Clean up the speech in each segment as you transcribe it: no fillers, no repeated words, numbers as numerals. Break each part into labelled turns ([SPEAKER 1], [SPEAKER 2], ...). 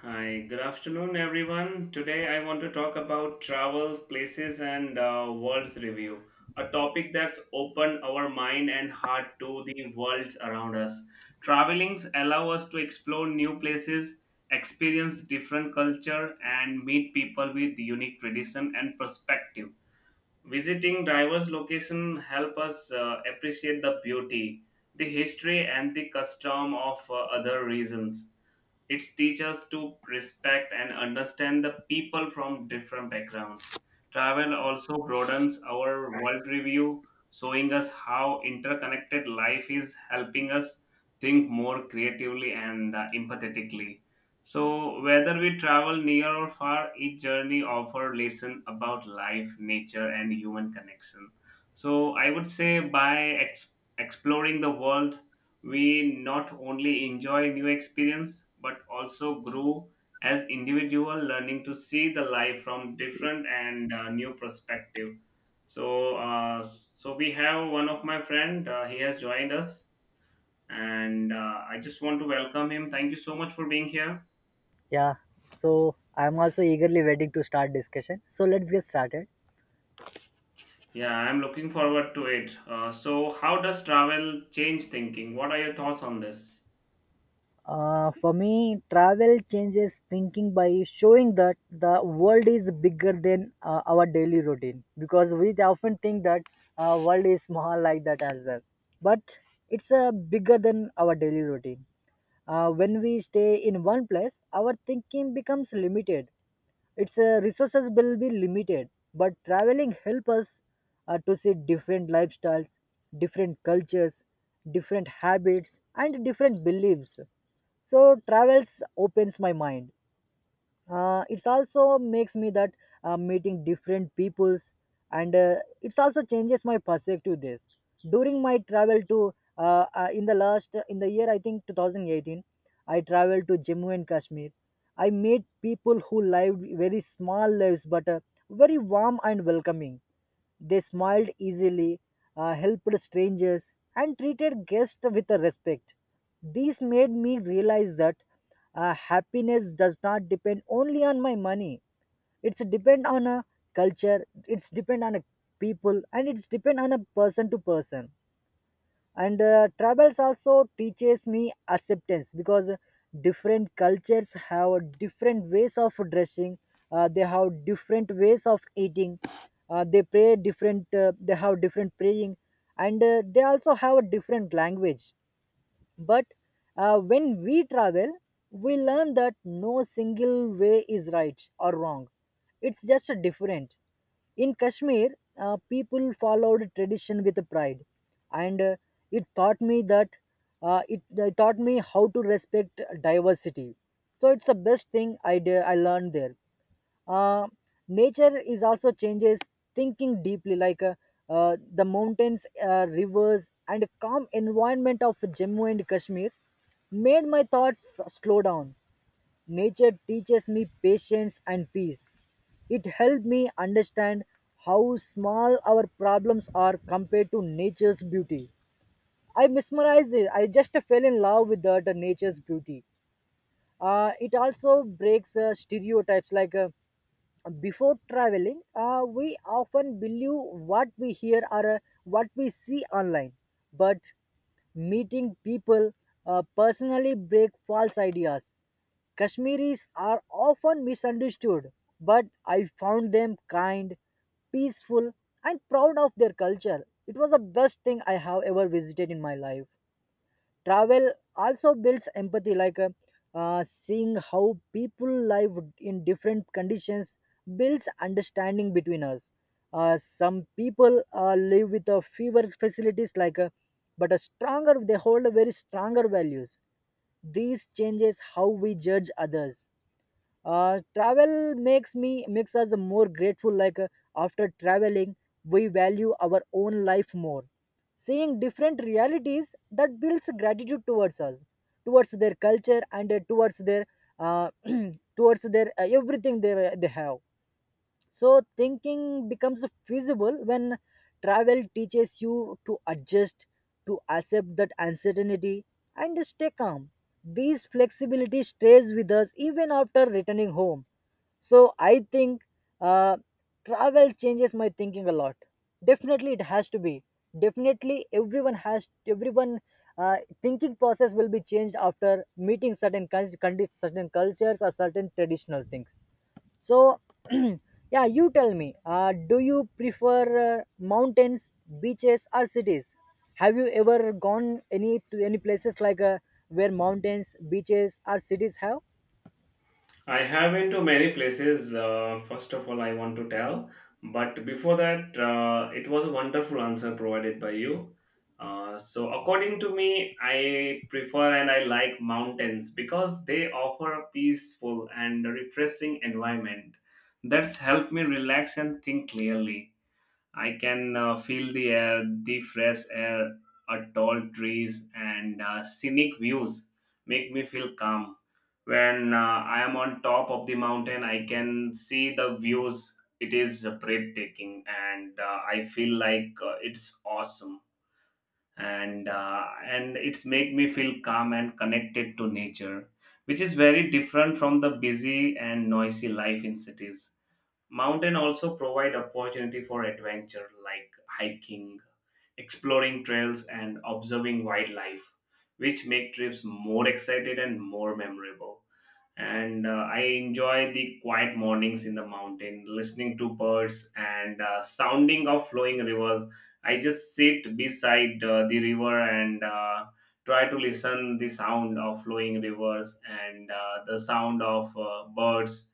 [SPEAKER 1] Hi, good afternoon, everyone. Today I want to talk about travel, places, and world's review, a topic that's opened our mind and heart to the worlds around us. Travelings allow us to explore new places, experience different culture, and meet people with unique tradition and perspective. Visiting diverse locations help us appreciate the beauty, the history, and the custom of other regions. It teaches us to respect and understand the people from different backgrounds. Travel also broadens our world review, showing us how interconnected life is, helping us think more creatively and empathetically. So, whether we travel near or far, each journey offers lesson about life, nature, and human connection. So, I would say exploring the world, we not only enjoy new experience but also grow as individual learning to see the life from different and new perspective. So uh, so we have one of my friend, he has joined us, and I just want to welcome him. Thank you so much for being here.
[SPEAKER 2] Yeah, so I'm also eagerly waiting to start discussion. So let's get started.
[SPEAKER 1] Yeah, I'm looking forward to it. So how does travel change thinking? What are your thoughts on this?
[SPEAKER 2] For me, travel changes thinking by showing that the world is bigger than our daily routine because we often think that world is small like that as well, but it's bigger than our daily routine. When we stay in one place, our thinking becomes limited. Its resources will be limited, but traveling help us to see different lifestyles, different cultures, different habits, and different beliefs. So travels opens my mind. It's also makes me that meeting different peoples and it's also changes my perspective this during my travel to in the year I think 2018. I traveled to Jammu and Kashmir. I met people who lived very small lives but very warm and welcoming. They smiled easily, helped strangers, and treated guests with respect. This made me realize that happiness does not depend only on my money. It's depend on a culture. It's depend on a people, and it's depend on a person to person. And travels also teaches me acceptance because different cultures have different ways of dressing. They have different ways of eating. They pray different. They have different praying, and they also have a different language, but when we travel, we learn that no single way is right or wrong. It's just a different. In Kashmir, people followed tradition with pride, and it taught me that it taught me how to respect diversity. So it's the best thing I learned there. uh, Nature is also changes thinking deeply like the mountains, rivers and calm environment of Jammu and Kashmir made my thoughts slow down. Nature teaches me patience and peace. It helped me understand how small our problems are compared to nature's beauty. I mesmerized it. I just fell in love with the nature's beauty. It also breaks stereotypes like before traveling, we often believe what we hear or what we see online. But meeting people personally break false ideas. Kashmiris are often misunderstood, but I found them kind, peaceful, and proud of their culture. It was the best thing I have ever visited in my life. Travel also builds empathy like seeing how people live in different conditions builds understanding between us. Some people live with a fewer facilities like but a stronger they hold a very stronger values. These changes how we judge others. Travel makes us more grateful like after traveling we value our own life more. Seeing different realities that builds gratitude towards us, towards their culture and towards their uh, towards their everything they have. So thinking becomes feasible when travel teaches you to adjust, to accept that uncertainty, and stay calm. This flexibility stays with us even after returning home. So I think uh, travel changes my thinking a lot. Definitely, it has to be. Definitely, everyone thinking process will be changed after meeting certain cultures or certain traditional things. So, yeah, you tell me, do you prefer mountains, beaches, or cities? Have you ever gone any places like where mountains, beaches, or cities have?
[SPEAKER 1] I have been to many places. First of all, I want to tell. But before that, it was a wonderful answer provided by you. So, according to me, I prefer and I like mountains because they offer a peaceful and refreshing environment that's helped me relax and think clearly. I can feel the air, the fresh air, tall trees, and scenic views make me feel calm when I am on top of the mountain. I can see the views. It is breathtaking, and I feel like it's awesome, and and it's make me feel calm and connected to nature, which is very different from the busy and noisy life in cities. Mountain also provide opportunity for adventure like hiking, exploring trails, and observing wildlife, which make trips more exciting and more memorable. And I enjoy the quiet mornings in the mountain, listening to birds and sounding of flowing rivers. I just sit beside the river and try to listen the sound of flowing rivers and the sound of birds,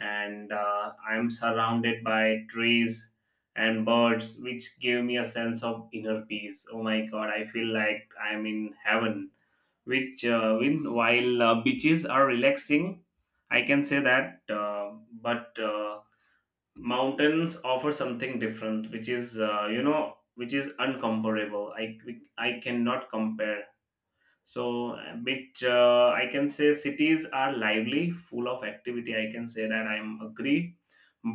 [SPEAKER 1] and I'm surrounded by trees and birds, which give me a sense of inner peace. Oh my god, I feel like I'm in heaven. Which, when- while beaches are relaxing, I can say that, but mountains offer something different, which is which is uncomparable. I cannot compare. So which I can say cities are lively, full of activity, I can say that, I'm agree,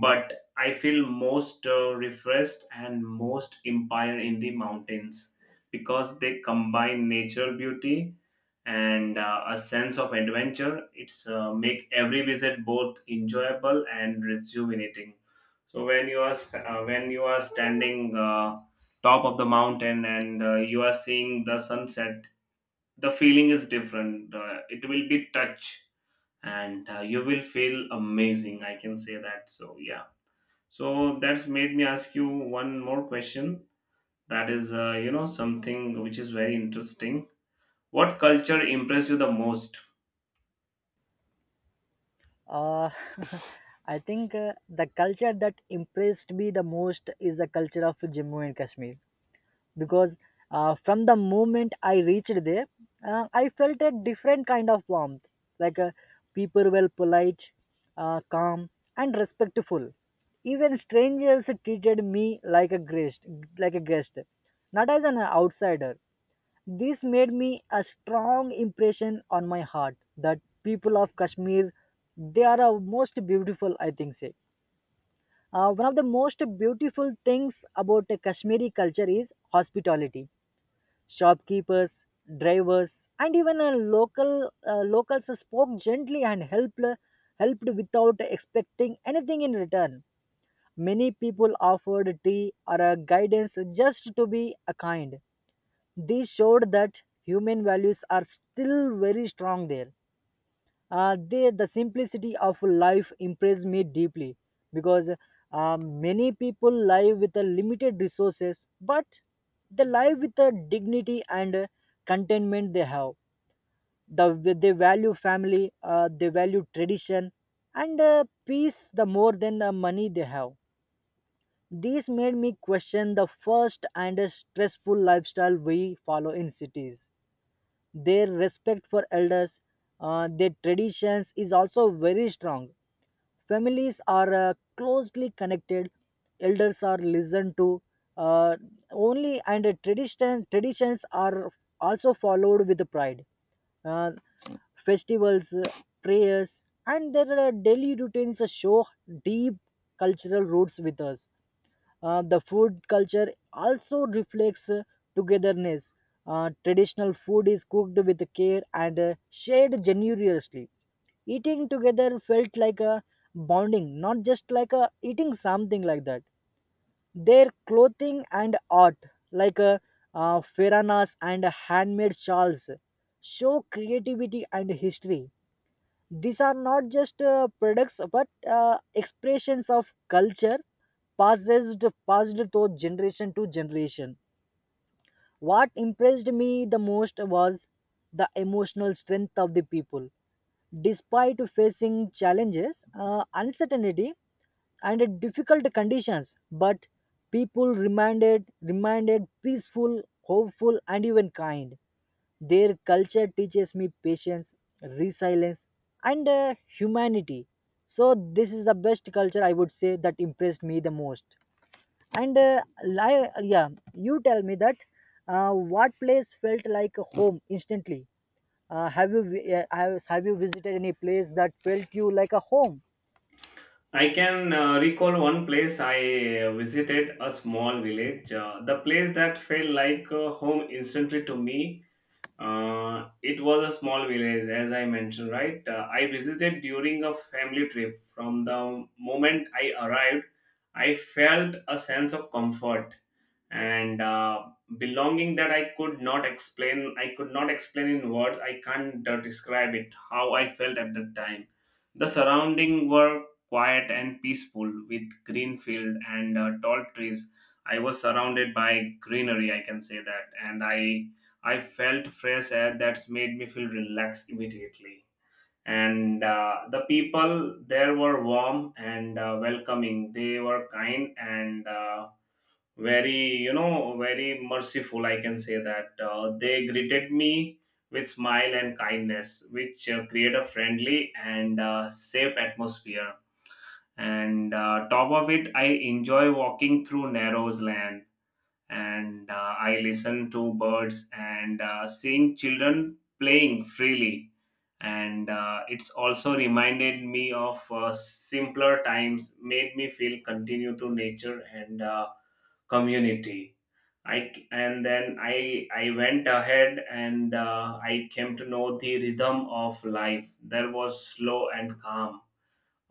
[SPEAKER 1] but I feel most refreshed and most empire in the mountains because they combine nature beauty and a sense of adventure. It's make every visit both enjoyable and rejuvenating. So when you are standing top of the mountain and you are seeing the sunset, the feeling is different. It will be touch, and you will feel amazing, I can say that. So yeah, so that's made me ask you one more question. That is, something which is very interesting. What culture impressed you the most?
[SPEAKER 2] Uh, I think the culture that impressed me the most is the culture of Jammu and Kashmir. Because from the moment I reached there, I felt a different kind of warmth. Like people were polite, calm, and respectful. Even strangers treated me like a guest, like a guest, not as an outsider. This made me a strong impression on my heart that people of Kashmir, they are the most beautiful, I think, say. One of the most beautiful things about the Kashmiri culture is hospitality. Shopkeepers, drivers, and even a local locals spoke gently and helped without expecting anything in return. Many people offered tea or a guidance just to be a kind. This showed that human values are still very strong there. The simplicity of life impressed me deeply because many people live with a limited resources but they live with the dignity and contentment they have. They value family. They value tradition and peace the more than the money they have. This made me question the first and stressful lifestyle we follow in cities. Their respect for elders, their traditions is also very strong. Families are closely connected. Elders are listened to uh, only, and traditions are also followed with pride. uh, Festivals, prayers and their daily routines show deep cultural roots with us. The food culture also reflects togetherness. Traditional food is cooked with care and shared generously. Eating together felt like a bonding, not just like a eating something like that. Their clothing and art, like feranas and handmade shawls, show creativity and history. These are not just products but expressions of culture passed, passed to generation to generation. What impressed me the most was the emotional strength of the people. Despite facing challenges, uncertainty, and difficult conditions, but people reminded peaceful, hopeful, and even kind. Their culture teaches me patience, resilience, and humanity. So, this is the best culture I would say that impressed me the most. And yeah, you tell me that what place felt like a home instantly? Have you visited any place that felt you like a home?
[SPEAKER 1] I can recall one place. I visited a small village, the place that felt like home instantly to me. It was a small village, as I mentioned, right? I visited during a family trip. From the moment I arrived, I felt a sense of comfort and belonging that I could not explain. I could not explain in words. I can't describe it how I felt at that time. The surrounding were quiet and peaceful, with green field and tall trees. I was surrounded by greenery, I can say that, and I felt fresh air that's made me feel relaxed immediately. And the people there were warm and welcoming. They were kind and very, very merciful, I can say that. They greeted me with smile and kindness, which create a friendly and safe atmosphere. And top of it, I enjoy walking through narrows land and I listen to birds and seeing children playing freely. And it's also reminded me of simpler times, made me feel continue to nature and community. I and then I went ahead and I came to know the rhythm of life. There was slow and calm,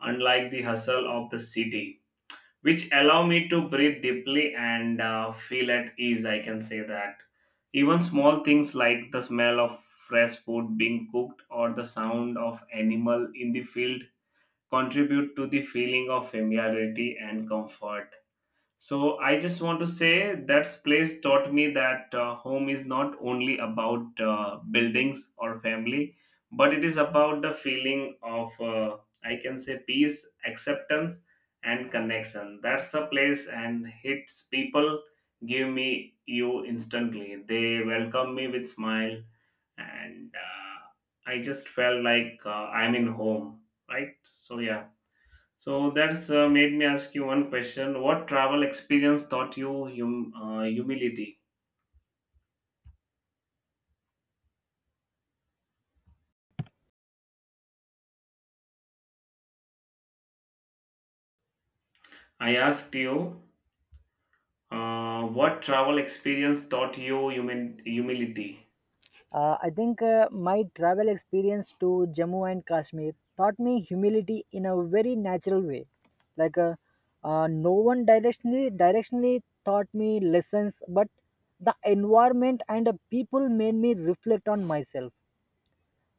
[SPEAKER 1] unlike the hustle of the city, which allow me to breathe deeply and feel at ease, I can say that. Even small things like the smell of fresh food being cooked or the sound of animal in the field contribute to the feeling of familiarity and comfort. So I just want to say that place taught me that home is not only about buildings or family, but it is about the feeling of I can say peace, acceptance, and connection. That's the place, and its people give me you instantly. They welcome me with smile, and I just felt like I'm in home. Right? So yeah. So that's made me ask you one question. What travel experience taught you humility? I asked you, what travel experience taught you humility?
[SPEAKER 2] I think my travel experience to Jammu and Kashmir taught me humility in a very natural way. Like no one directionally taught me lessons, but the environment and the people made me reflect on myself.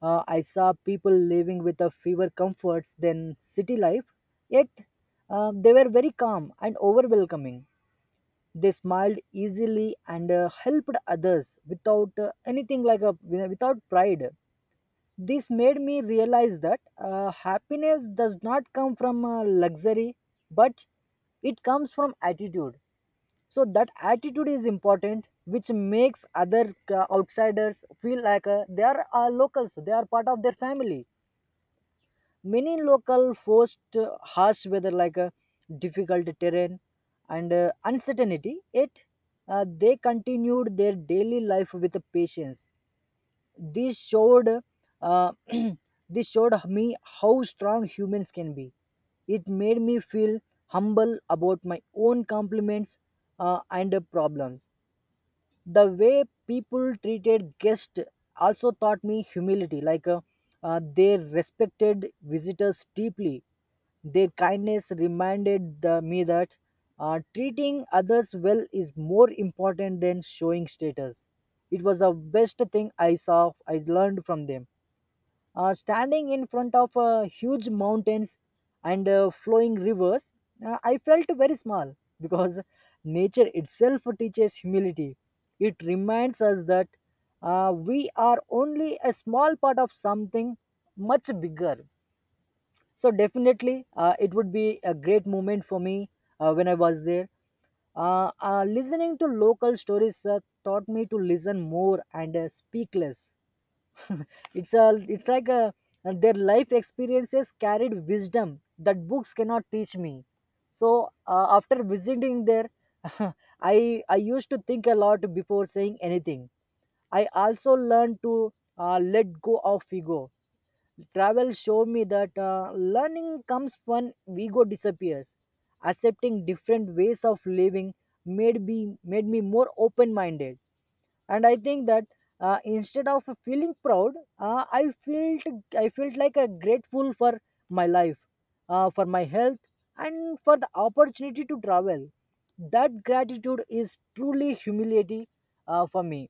[SPEAKER 2] I saw people living with a fewer comforts than city life, yet they were very calm and over welcoming. They smiled easily and helped others without anything like a without pride. This made me realize that happiness does not come from luxury, but it comes from attitude. So that attitude is important, which makes other outsiders feel like they are locals. They are part of their family. Many local forced harsh weather like a difficult terrain and uncertainty, yet they continued their daily life with patience. This showed uh, this showed me how strong humans can be. It made me feel humble about my own compliments and problems. The way people treated guests also taught me humility like they respected visitors deeply. Their kindness reminded me that treating others well is more important than showing status. It was the best thing I saw I learned from them. Standing in front of huge mountains and flowing rivers, I felt very small because nature itself teaches humility. It reminds us that we are only a small part of something much bigger. So, definitely, it would be a great moment for me when I was there. Listening to local stories taught me to listen more and speak less. it's a it's like a their life experiences carried wisdom that books cannot teach me. So after visiting there I used to think a lot before saying anything. I also learned to let go of ego. Travel showed me that learning comes when ego disappears. Accepting different ways of living made me made me more open minded. And I think that instead of feeling proud, uh, i felt I felt like a grateful for my life, for my health, and for the opportunity to travel. That gratitude is truly humility for me.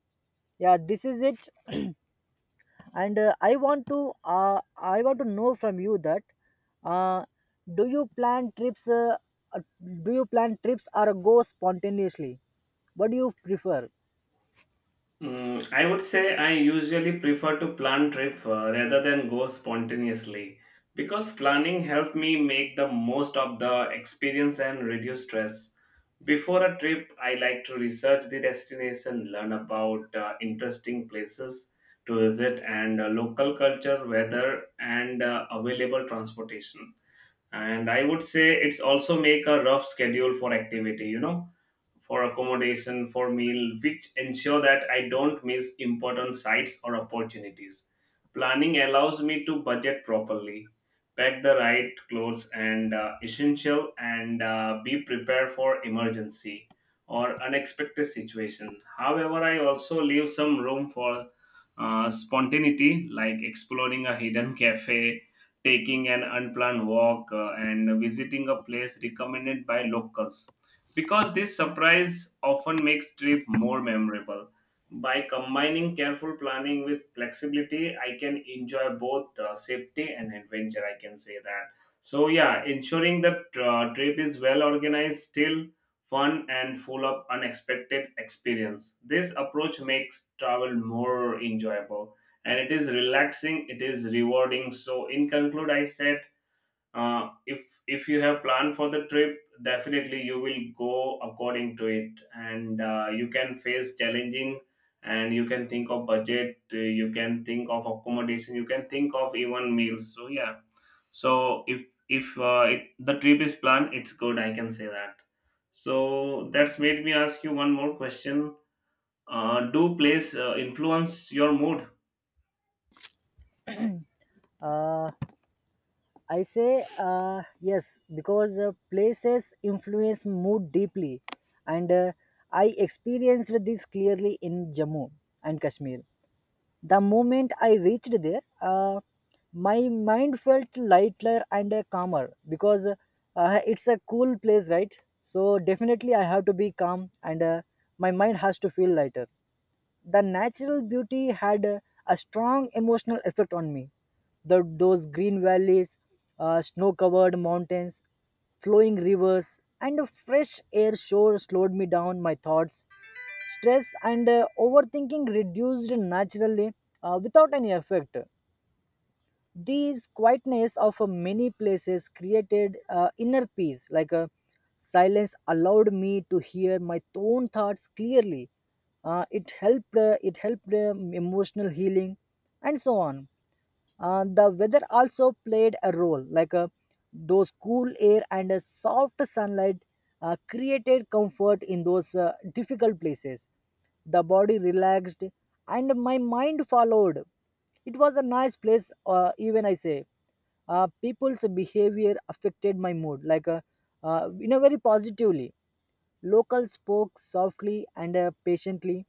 [SPEAKER 2] Yeah, this is it. And I want to know from you that uh, do you plan trips uh, uh, do you plan trips or go spontaneously? What do you prefer?
[SPEAKER 1] Mm, I would say I usually prefer to plan trip rather than go spontaneously because planning helped me make the most of the experience and reduce stress. Before a trip, I like to research the destination, learn about interesting places to visit and local culture, weather, and available transportation. And I would say it's also make a rough schedule for activity, you know, for accommodation, for meal, which ensure that I don't miss important sites or opportunities. Planning allows me to budget properly, pack the right clothes and essential, and be prepared for emergency or unexpected situation. However, I also leave some room for spontaneity, like exploring a hidden cafe, taking an unplanned walk, and visiting a place recommended by locals, because this surprise often makes trip more memorable. By combining careful planning with flexibility, I can enjoy both safety and adventure, I can say that. So yeah, ensuring that trip is well organized, still fun, and full of unexpected experience. This approach makes travel more enjoyable, and it is relaxing. It is rewarding. So in conclude, I said, uh, if if you have planned for the trip, definitely you will go according to it, and you can face challenging, and you can think of budget, you can think of accommodation, you can think of even meals. So yeah, so if it, the trip is planned, it's good, I can say that. So that's made me ask you one more question. Do place influence your mood?
[SPEAKER 2] uh, I say yes because places influence mood deeply, and I experienced this clearly in Jammu and Kashmir. The moment I reached there, my mind felt lighter and calmer because it's a cool place, right? So definitely I have to be calm, and my mind has to feel lighter. The natural beauty had a strong emotional effect on me. Those green valleys, snow covered mountains, flowing rivers, and a fresh air shore slowed me down my thoughts. Stress and overthinking reduced naturally without any effect. These quietness of many places created inner peace, like a silence allowed me to hear my own thoughts clearly. It helped. It helped emotional healing, and so on. The weather also played a role, like those cool air and soft sunlight created comfort in those difficult places. The body relaxed and my mind followed. It was a nice place, even I say. People's behavior affected my mood, like in a very positively. Locals spoke softly and patiently.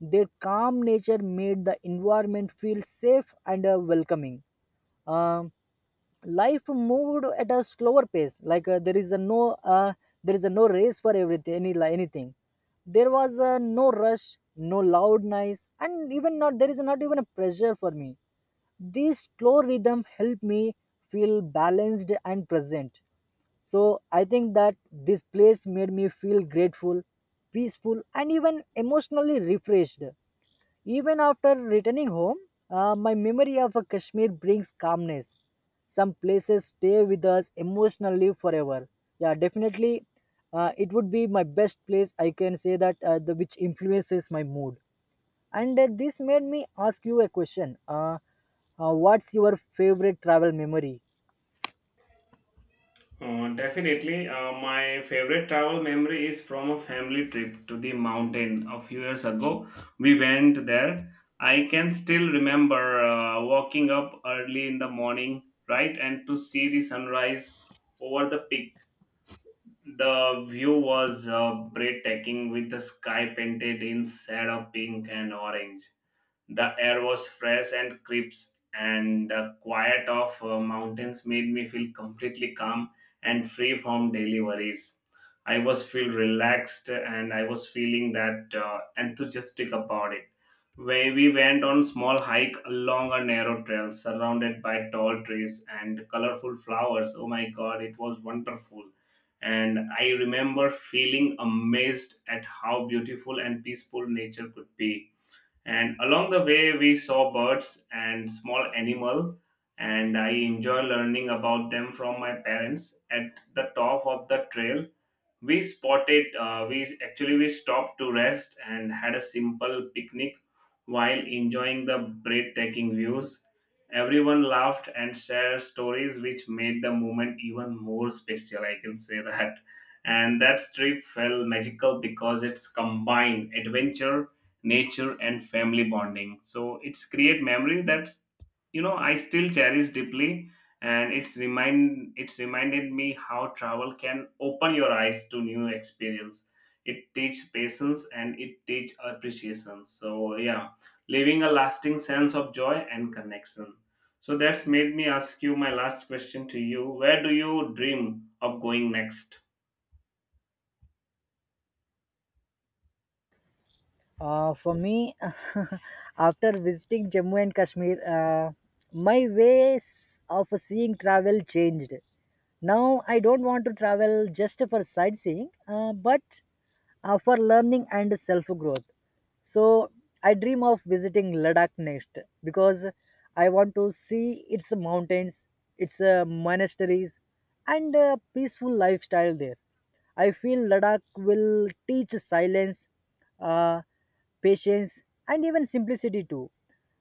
[SPEAKER 2] Their calm nature made the environment feel safe and welcoming. Um Life moved at a slower pace. Like there is a no there is a no race for everything, anything. There was no rush, no loud noise, and even not there is not even a pressure for me. This slow rhythm helped me feel balanced and present. So I think that this place made me feel grateful, peaceful, and even emotionally refreshed. Even after returning home, my memory of Kashmir brings calmness. Some places stay with us emotionally forever. Yeah, definitely, it would be my best place. I can say that the which influences my mood. And this made me ask you a question. What's your favorite travel memory?
[SPEAKER 1] Definitely, my favorite travel memory is from a family trip to the mountain a few years ago. We went there. I can still remember walking up early in the morning, right, and to see the sunrise over the peak. The view was breathtaking, with the sky painted in shade of pink and orange. The air was fresh and crisp, and the quiet of mountains made me feel completely calm and free from daily worries. I was feel relaxed, and I was feeling that enthusiastic about it. Where we went on small hike along a narrow trail surrounded by tall trees and colorful flowers. Oh my God, it was wonderful, and I remember feeling amazed at how beautiful and peaceful nature could be. And along the way, we saw birds and small animal, and I enjoy learning about them from my parents. At the top of the trail, we spotted we actually we stopped to rest and had a simple picnic while enjoying the breathtaking views. Everyone laughed and shared stories, which made the moment even more special, I can say that. And that trip felt magical because it's combined adventure, nature, and family bonding, so it's create memory that's, you know, I still cherish deeply. And it's reminded me how travel can open your eyes to new experience. It teach patience, and it teach appreciation. So yeah, leaving a lasting sense of joy and connection. So that's made me ask you my last question to you. Where do you dream of going next?
[SPEAKER 2] For me, after visiting Jammu and Kashmir, my ways of seeing travel changed. Now I don't want to travel just for sightseeing, but for learning and self growth. So I dream of visiting Ladakh next because I want to see its mountains, its monasteries, and peaceful lifestyle there. I feel Ladakh will teach silence, uh, patience, and even simplicity too.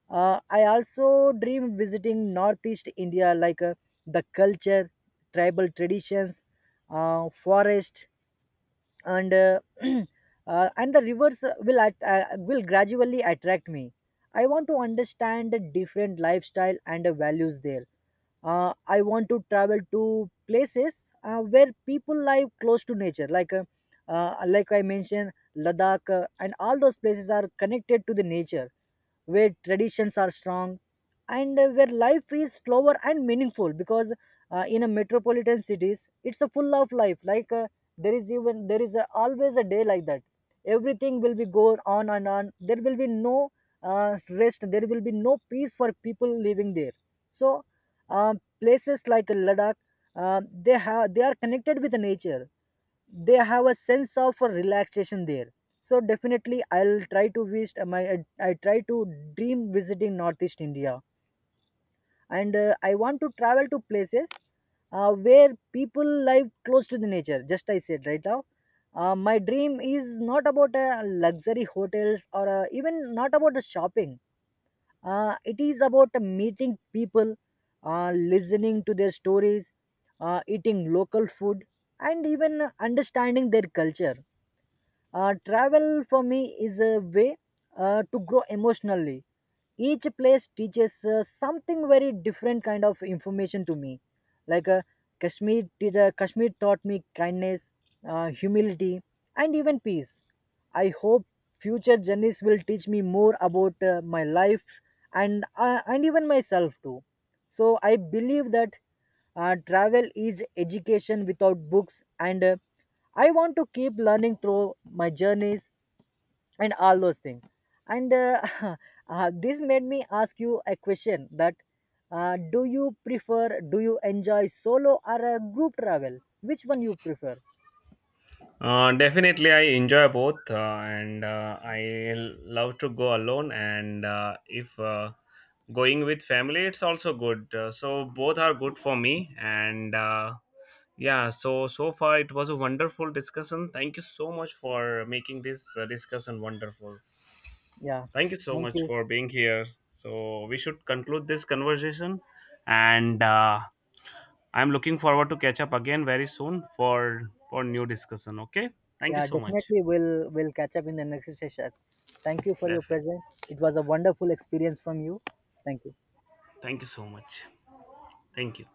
[SPEAKER 2] I also dream visiting Northeast India, like the culture, tribal traditions, forest, and and the rivers will gradually attract me. I want to understand the different lifestyle and the values there. I want to travel to places where people live close to nature, like I mentioned, Ladakh, and all those places are connected to the nature where traditions are strong, and where life is slower and meaningful. Because in a metropolitan cities, it's a full of life. Like there is even there is a, Always a day like that, everything will be go on and on, there will be no rest, there will be no peace for people living there. So places like Ladakh, they are connected with nature, they have a sense of relaxation there. So definitely, I try to dream visiting Northeast India. And I want to travel to places where people live close to the nature, just I said right now. My dream is not about luxury hotels or even not about the shopping. It is about meeting people, listening to their stories, eating local food, and even understanding their culture. Travel for me is a way to grow emotionally. Each place teaches something very different kind of information to me. Like Kashmir, Kashmir taught me kindness, humility, and even peace. I hope future journeys will teach me more about my life, and even myself too. So I believe that travel is education without books, and I want to keep learning through my journeys and all those things. And this made me ask you a question: that do you enjoy solo or a group travel? Which one you prefer?
[SPEAKER 1] Definitely, I enjoy both, and I love to go alone. And if going with family, it's also good. So both are good for me. And yeah, so so far it was a wonderful discussion. Thank you so much for making this discussion wonderful.
[SPEAKER 2] Yeah.
[SPEAKER 1] Thank you so
[SPEAKER 2] Thank
[SPEAKER 1] much
[SPEAKER 2] you.
[SPEAKER 1] for being here. So we should conclude this conversation, and I'm looking forward to catch up again very soon for new discussion. Okay, thank you
[SPEAKER 2] Yeah,
[SPEAKER 1] so much.
[SPEAKER 2] definitely, we'll catch up in the next session. Thank you for your
[SPEAKER 1] Definitely.
[SPEAKER 2] presence. It was a wonderful experience from you. Thank you.
[SPEAKER 1] Thank you so much. Thank you.